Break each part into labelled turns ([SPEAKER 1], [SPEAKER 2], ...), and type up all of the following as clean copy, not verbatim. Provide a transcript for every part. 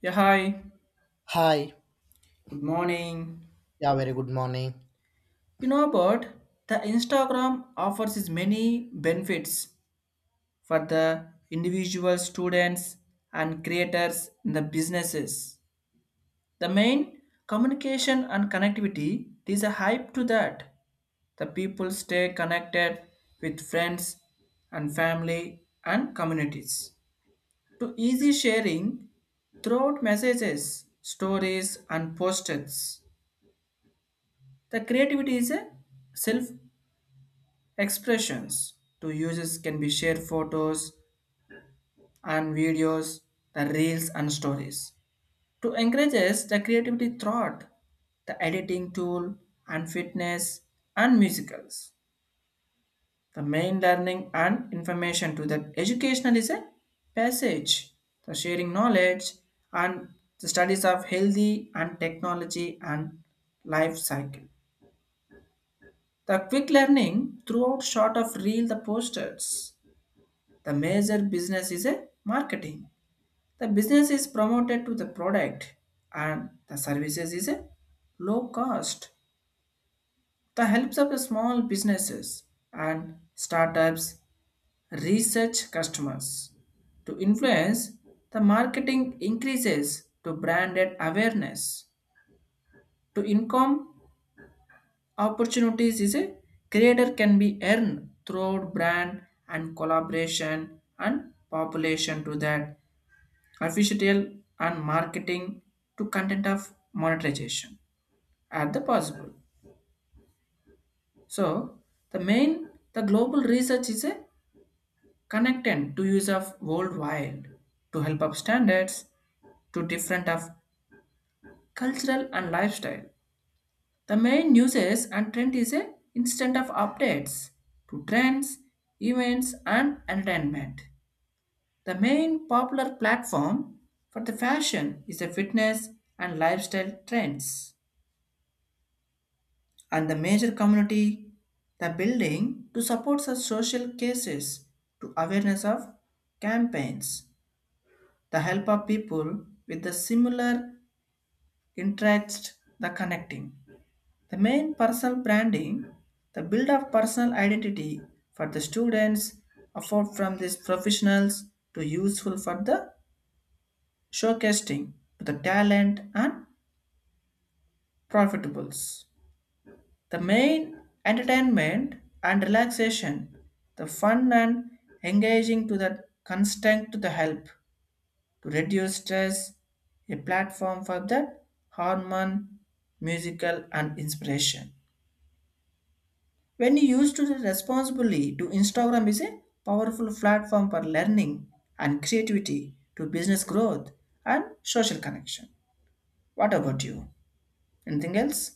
[SPEAKER 1] Yeah, hi.
[SPEAKER 2] Hi.
[SPEAKER 1] Good morning.
[SPEAKER 2] Yeah, very good morning.
[SPEAKER 1] You know about the Instagram offers is many benefits for the individual students and creators in the businesses. The main communication and connectivity, there is a hype to that. The people stay connected with friends and family and communities. To easy sharing throughout messages, stories, and posts. The creativity is a self expressions to users can be share photos and videos, the reels and stories. To encourage us, the creativity thought, the editing tool and fitness and musicals. The main learning and information to that educational is a passage, the sharing knowledge and the studies of healthy and technology and life cycle. The quick learning throughout short of reel the posters. The major business is a marketing. The business is promoted to the product and the services is a low cost. The helps of the small businesses and startups research customers to influence the marketing increases to branded awareness to income opportunities is a creator can be earned through brand and collaboration and population to that official and marketing to content of monetization at the possible. So the main the global research is a connected to use of worldwide to help up standards to different of cultural and lifestyle. The main uses and trend is a instant of updates to trends, events and entertainment. The main popular platform for the fashion is the fitness and lifestyle trends, and the major community the building to support such social cases to awareness of campaigns, the help of people with the similar interest, the connecting. The main personal branding, the build of personal identity for the students afford from these professionals to useful for the showcasing to the talent and profitables. The main entertainment and relaxation, the fun and engaging to the constant to the help to reduce stress, a platform for the harmon, musical and inspiration. When you used to the responsibly to Instagram is a powerful platform for learning and creativity to business growth and social connection. What about you? Anything else?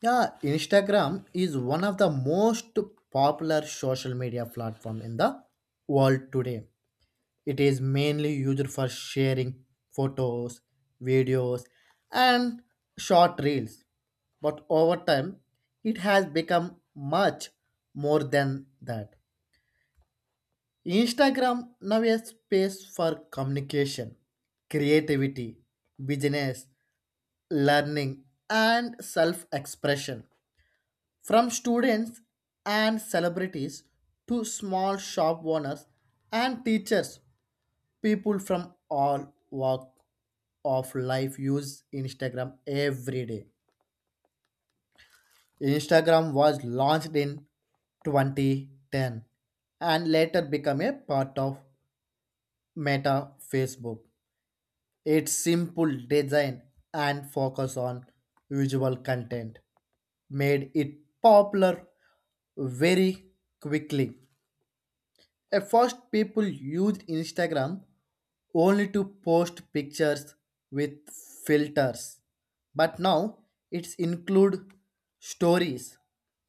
[SPEAKER 2] Yeah, Instagram is one of the most popular social media platform in the world today. It is mainly used for sharing photos, videos, and short reels. But over time, it has become much more than that. Instagram now is a space for communication, creativity, business, learning and self expression. From students and celebrities to small shop owners and teachers, people from all walk of life use Instagram every day. Instagram was launched in 2010 and later became a part of Meta Facebook. Its simple design and focus on visual content made it popular very quickly. At first, people used Instagram only to post pictures with filters, but now it's include stories,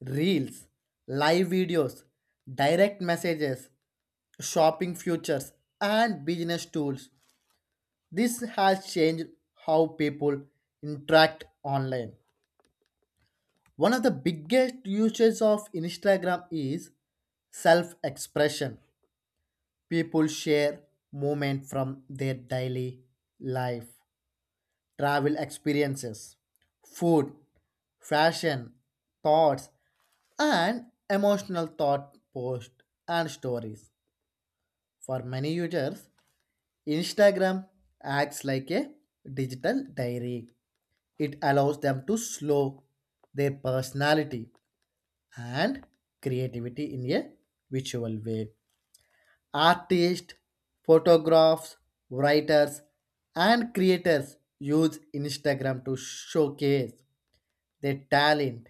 [SPEAKER 2] reels, live videos, direct messages, shopping futures, and business tools. This has changed how people interact online. One of the biggest uses of Instagram is self expression. People share moments from their daily life, travel experiences, food, fashion, thoughts, and emotional thought posts and stories. For many users, Instagram acts like a digital diary. It allows them to slow their personality and creativity in a visual way. Artists, photographers, writers, and creators use Instagram to showcase their talent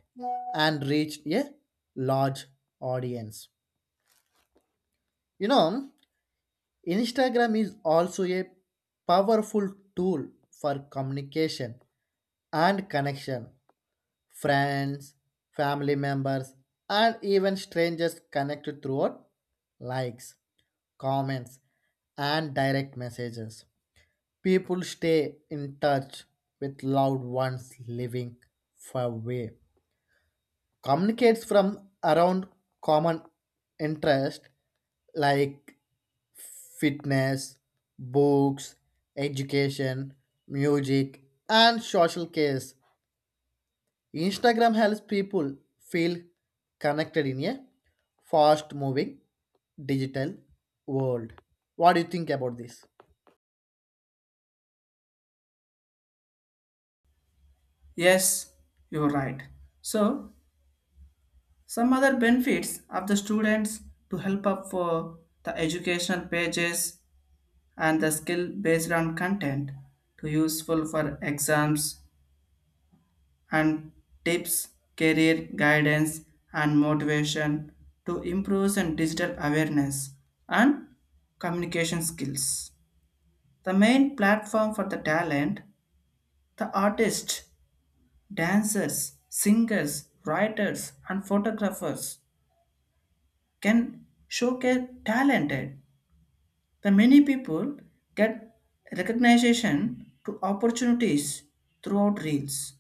[SPEAKER 2] and reach a large audience. You know, Instagram is also a powerful tool for communication and connection. Friends, family members, and even strangers connected throughout likes comments, and direct messages. People stay in touch with loved ones living far away. Communicates from around common interest like fitness, books, education, music, and social case. Instagram helps people feel connected in a fast moving digital world. What do you think about this?
[SPEAKER 1] Yes, you're right. So some other benefits of the students to help up for the educational pages and the skill based on content to useful for exams and tips, career guidance and motivation to improve and digital awareness and communication skills. The main platform for the talent, the artists, dancers, singers, writers, and photographers can showcase talented. The many people get recognition to opportunities throughout reels,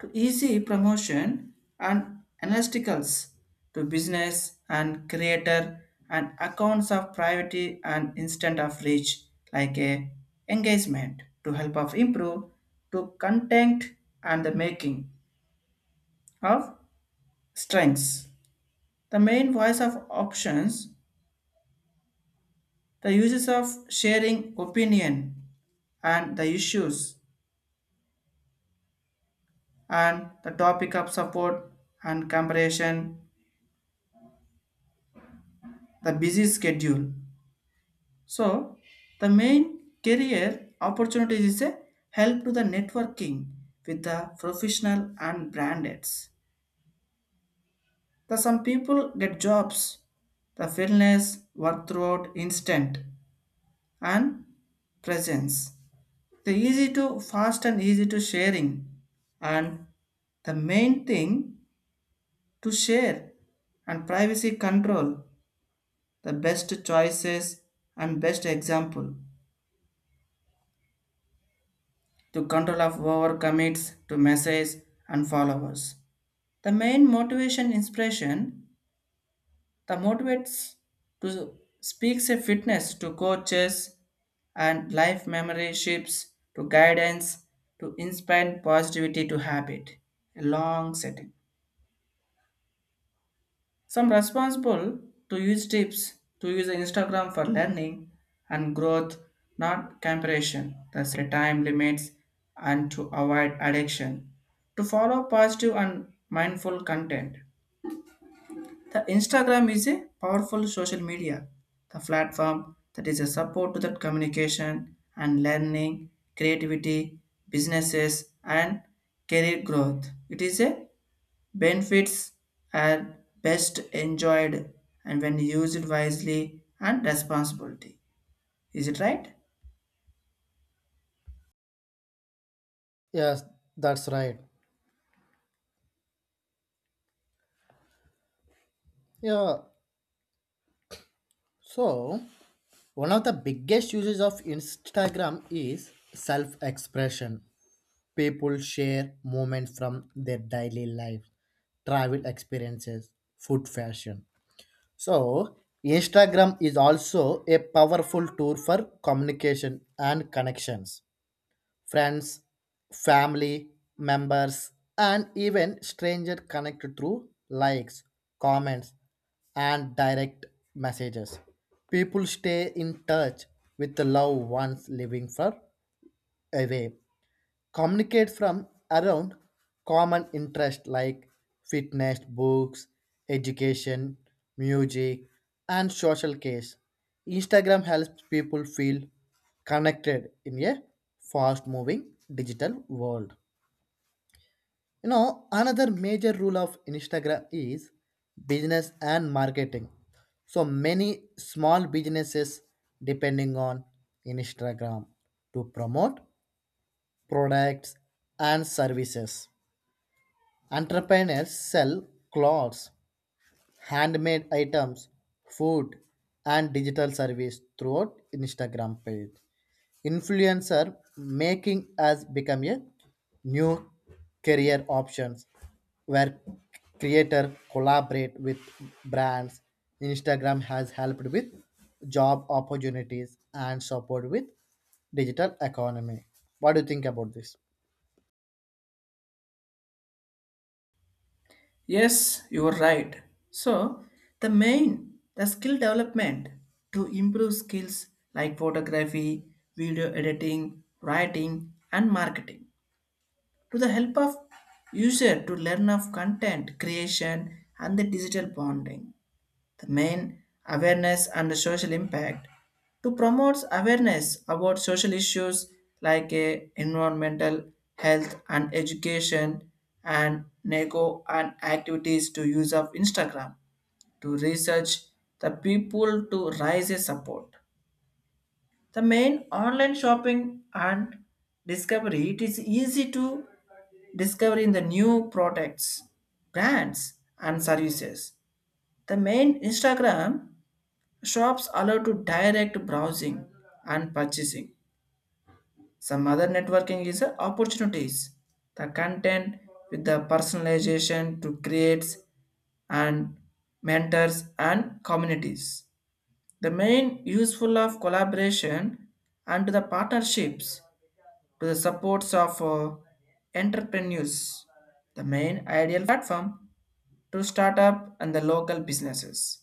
[SPEAKER 1] to easy promotion and analyticals, to business and creator and accounts of privacy and instant of reach like a engagement to help of improve to content and the making of strengths. The main voice of options, the uses of sharing opinion and the issues and the topic of support and comparison, the busy schedule. So, the main career opportunities is a help to the networking with the professional and brands. The some people get jobs, the fitness work throughout instant and presence. The easy to fast and easy to sharing, and the main thing to share and privacy control the best choices and best example to control of our commits to messages and followers. The main motivation inspiration the motivates to speaks a fitness to coaches and life memoryships to guidance to inspire positivity to habit a long setting. Some responsible to use tips to use Instagram for learning and growth, not comparison. The set time limits and to avoid addiction. To follow positive and mindful content. The Instagram is a powerful social media, the platform that is a support to that communication and learning, creativity, businesses and career growth. It is a benefits are best enjoyed and when used wisely and responsibility. Is it right?
[SPEAKER 2] Yes, that's right. Yeah. So, one of the biggest uses of Instagram is self-expression. People share moments from their daily life, travel experiences, food fashion. So, Instagram is also a powerful tool for communication and connections. Friends, family members, and even strangers connected through likes, comments, and direct messages. People stay in touch with the loved ones living far away communicate from around common interest like fitness, books, education, music, and social case. Instagram helps people feel connected in a fast moving digital world. You know, another major rule of Instagram is business and marketing. So many small businesses depending on Instagram to promote products and services. Entrepreneurs sell clothes, handmade items, food, and digital service throughout Instagram page. Influencer making has become a new career options where creator collaborate with brands. Instagram has helped with job opportunities and support with digital economy. What do you think about this?
[SPEAKER 1] Yes, you are right. So, the main, the skill development to improve skills like photography, video editing, writing, and marketing to the help of user to learn of content creation and the digital bonding. The main awareness and social impact to promote awareness about social issues like environmental health and education and nego and activities to use of Instagram to research the people to raise a support. The main online shopping and discovery, it is easy to discover in the new products, brands and services. The main Instagram shops allow to direct browsing and purchasing. Some other networking is a opportunities. The content with the personalization to creates and mentors and communities. The main useful of collaboration and to the partnerships to the supports of entrepreneurs. The main ideal platform to start up and the local businesses.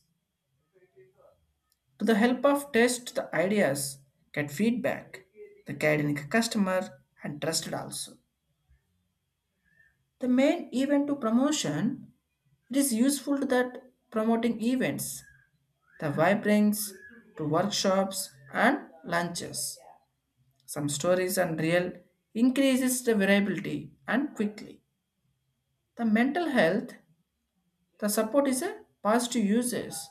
[SPEAKER 1] To the help of test the ideas, get feedback, the guiding customer and trusted also. The main event to promotion, it is useful that promoting events, the vibrings to workshops and lunches. Some stories and real increases the variability and quickly. The mental health, the support is a positive uses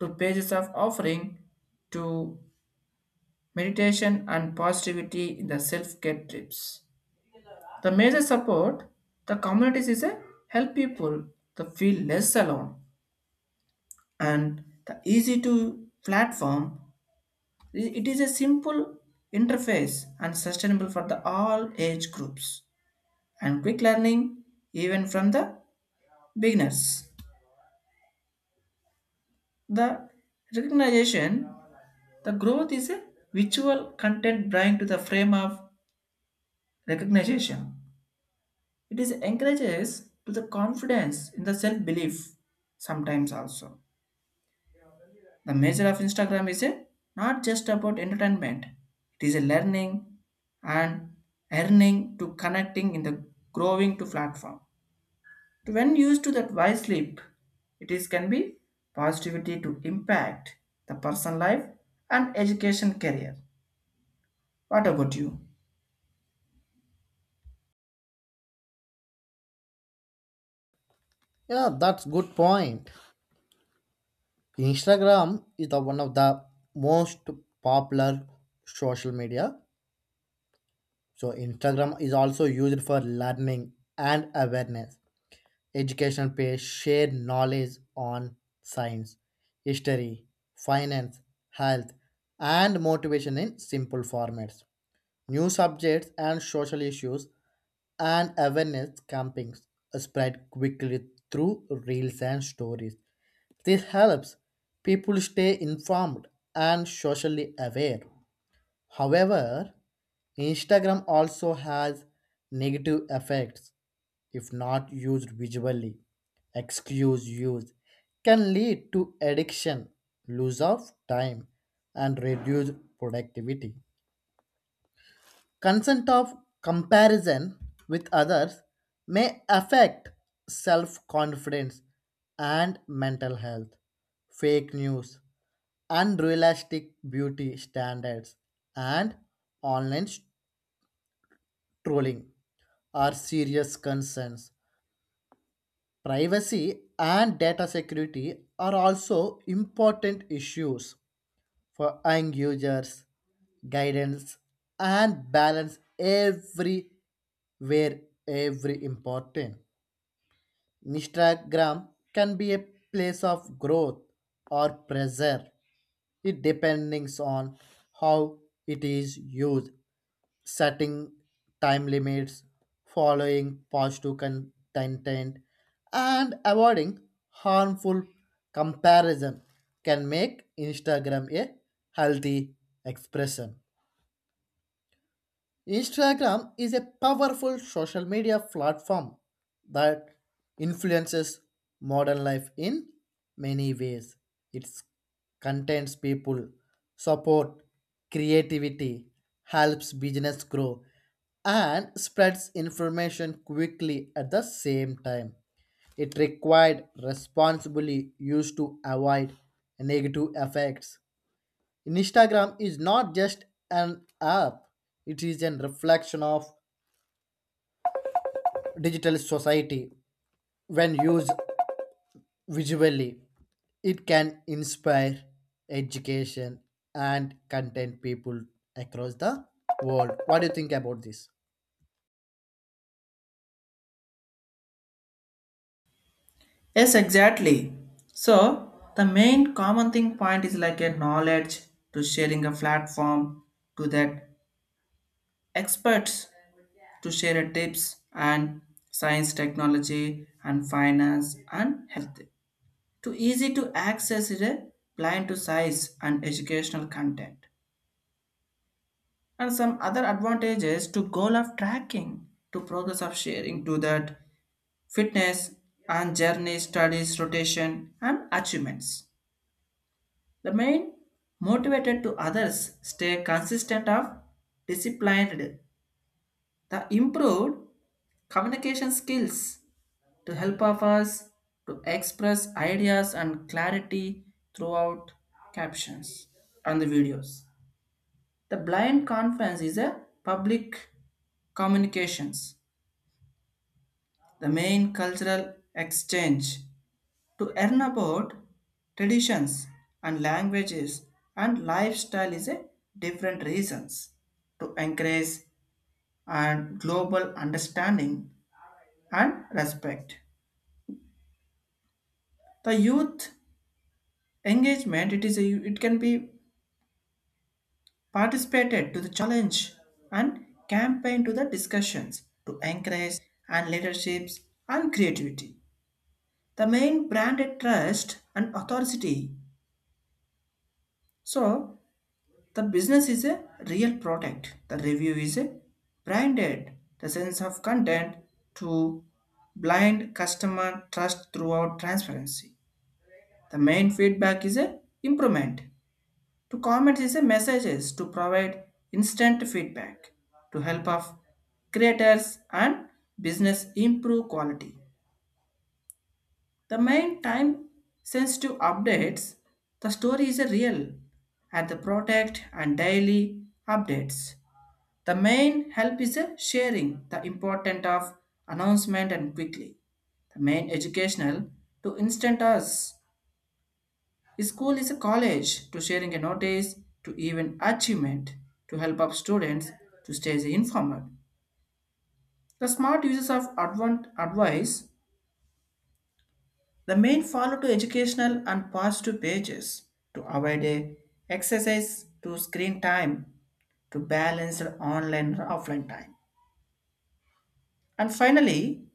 [SPEAKER 1] to pages of offering to meditation and positivity in the self care trips. The major support the communities is a help people to feel less alone and the easy to platform. It is a simple interface and sustainable for the all age groups and quick learning even from the beginners. The recognition the growth is a visual content bring to the frame of recognition. It is encourages to the confidence in the self-belief sometimes also. The measure of Instagram not just about entertainment. It is a learning and earning to connecting in the growing to platform. To when used to that wisely, it is can be positivity to impact the personal life and education career. What about you?
[SPEAKER 2] Yeah, that's good point. Instagram is the one of the most popular social media. So Instagram is also used for learning and awareness. Education page share knowledge on science, history, finance, health, and motivation in simple formats. New subjects and social issues and awareness campaigns spread quickly through reels and stories. This helps people stay informed and socially aware. However, Instagram also has negative effects if not used visually. Excuse use can lead to addiction, lose of time, and reduced productivity. Consent of comparison with others may affect self confidence and mental health. Fake news unrealistic beauty standards, and online trolling are serious concerns. Privacy and data security are also important issues for young users. Guidance and balance every where every important. Instagram can be a place of growth or pressure. It depends on how it is used setting time limits, following positive content, and avoiding harmful comparison can make Instagram a healthy expression. Instagram is a powerful social media platform that influences modern life in many ways. It contains people, support, creativity, helps business grow, and spreads information quickly at the same time. It required responsibly used to avoid negative effects. Instagram is not just an app, it is a reflection of digital society. When used visually, it can inspire education and content people across the world. What do you think about this?
[SPEAKER 1] Yes, exactly. So the main common thing point is like a knowledge to sharing a platform to that experts to share a tips and science technology and finance and health to easy to access is a blind to size and educational content, and some other advantages to goal of tracking to progress of sharing to that fitness and journey studies rotation and achievements. Remain motivated to others, stay consistent of disciplined. The improved communication skills to help of us to express ideas and clarity throughout captions and the videos. The blind conference is a public communications, the main cultural exchange to learn about traditions and languages and lifestyle is a different reasons to encourage and global understanding and respect. The youth engagement it can be participated to the challenge and campaign to the discussions to encourage and leaderships and creativity. The main branded trust and authority, so the business is a real product. The review is a branded. The sense of content to blind customer trust throughout transparency. The main feedback is a improvement. To comment is a messages to provide instant feedback to help of creators and business improve quality. The main time sensitive updates. The story is a real at the product and daily updates. The main help is sharing the important of announcement and quickly. The main educational to instant us. School is a college to sharing a notice to even achievement to help up students to stay informed. The smart uses of advent advice. The main follow to educational and positive pages to avoid a exercise to screen time to balance the online and offline time. And finally,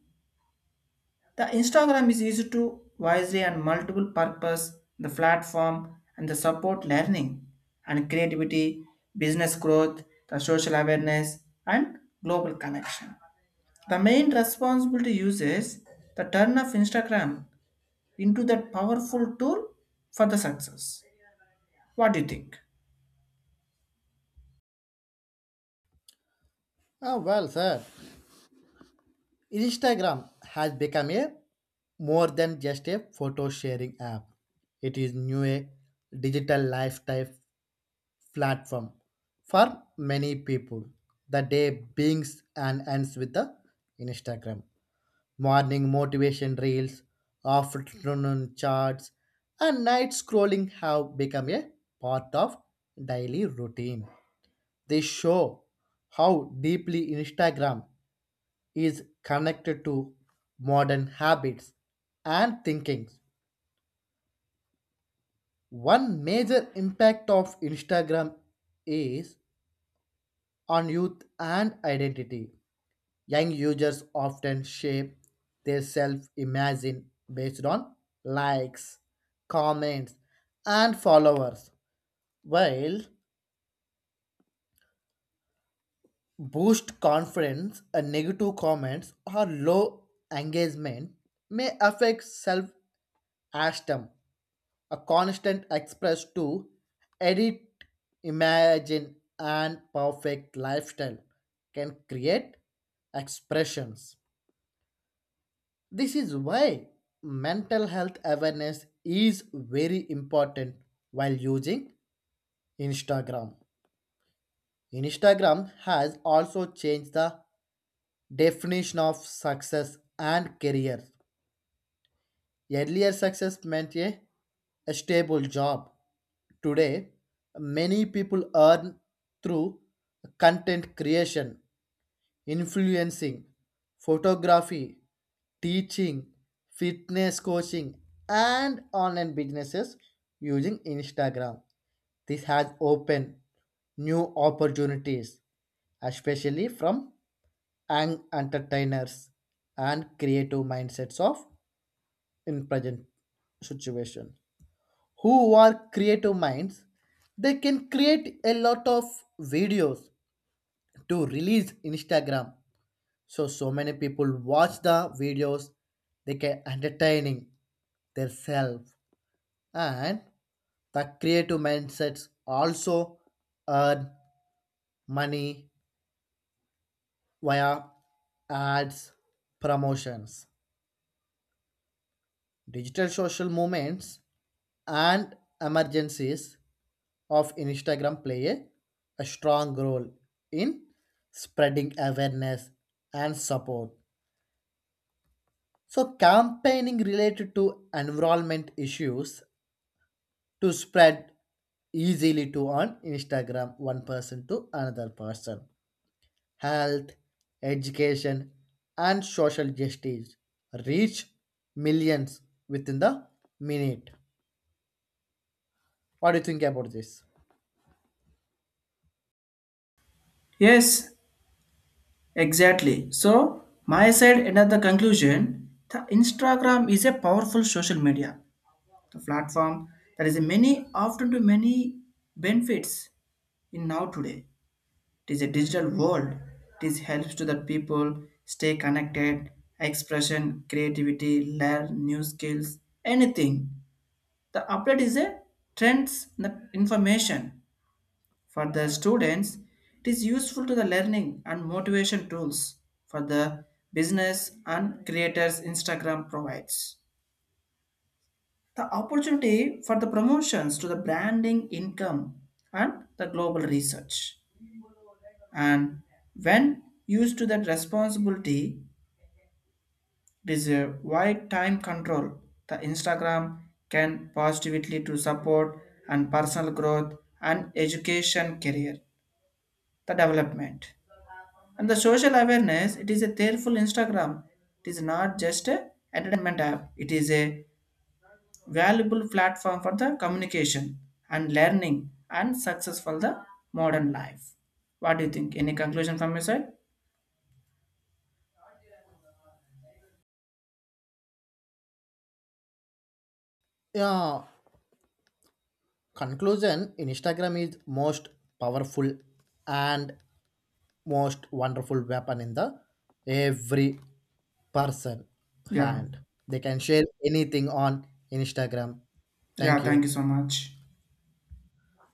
[SPEAKER 1] the Instagram is used to wisely and multiple purpose, the platform and the support learning and creativity, business growth, the social awareness and global connection. The main responsibility uses the turn of Instagram into that powerful tool for the success. What do you think?
[SPEAKER 2] Ah, well, sir, Instagram has become a more than just a photo sharing app. It is new a digital lifestyle platform for many people. The day begins and ends with the Instagram. Morning motivation reels, afternoon charts, and night scrolling have become a part of daily routine. They show how deeply Instagram is connected to modern habits and thinking. One major impact of Instagram is on youth and identity. Young users often shape their self imagine based on likes, comments, and followers. While boost confidence, a negative comments or low engagement may affect self esteem. A constant express to edit, imagine, and perfect lifestyle can create expressions. This is why mental health awareness is very important while using Instagram. Instagram has also changed the definition of success and career. Earlier, success meant a stable job. Today, many people earn through content creation influencing, photography, teaching, fitness coaching, and online businesses using Instagram. This has opened new opportunities, especially from young entertainers and creative mindsets of in present situation. Who are creative minds? They can create a lot of videos to release Instagram so many people watch the videos, they can entertaining themselves and the creative mindsets also earn money via ads, promotions, digital social movements and emergencies of Instagram play a strong role in spreading awareness and support. So, campaigning related to environment issues to spread easily to on Instagram one person to another person. Health, education, and social justice reach millions within the minute. What do you think about this?
[SPEAKER 1] Yes, exactly. So, my side another conclusion, the Instagram is a powerful social media, the platform there is a many often to many benefits in now today. It is a digital world. This helps to the people stay connected, expression creativity, learn new skills anything. The update is a trends in the information. For the students, it is useful to the learning and motivation tools. For the business and creators, Instagram provides the opportunity for the promotions to the branding income and the global research. And when used to that responsibility, it is a wide time control, the Instagram can positively to support and personal growth and education career the development and the social awareness. It is a careful Instagram, it is not just a entertainment app, it is a valuable platform for the communication and learning and success for the modern life. What do you think? Any conclusion from your side?
[SPEAKER 2] Yeah, conclusion Instagram is most powerful and most wonderful weapon in the every person
[SPEAKER 1] Yeah.
[SPEAKER 2] hand. They can share anything on Instagram.
[SPEAKER 1] Yeah,
[SPEAKER 2] Thank
[SPEAKER 1] thank
[SPEAKER 2] you.
[SPEAKER 1] you so much.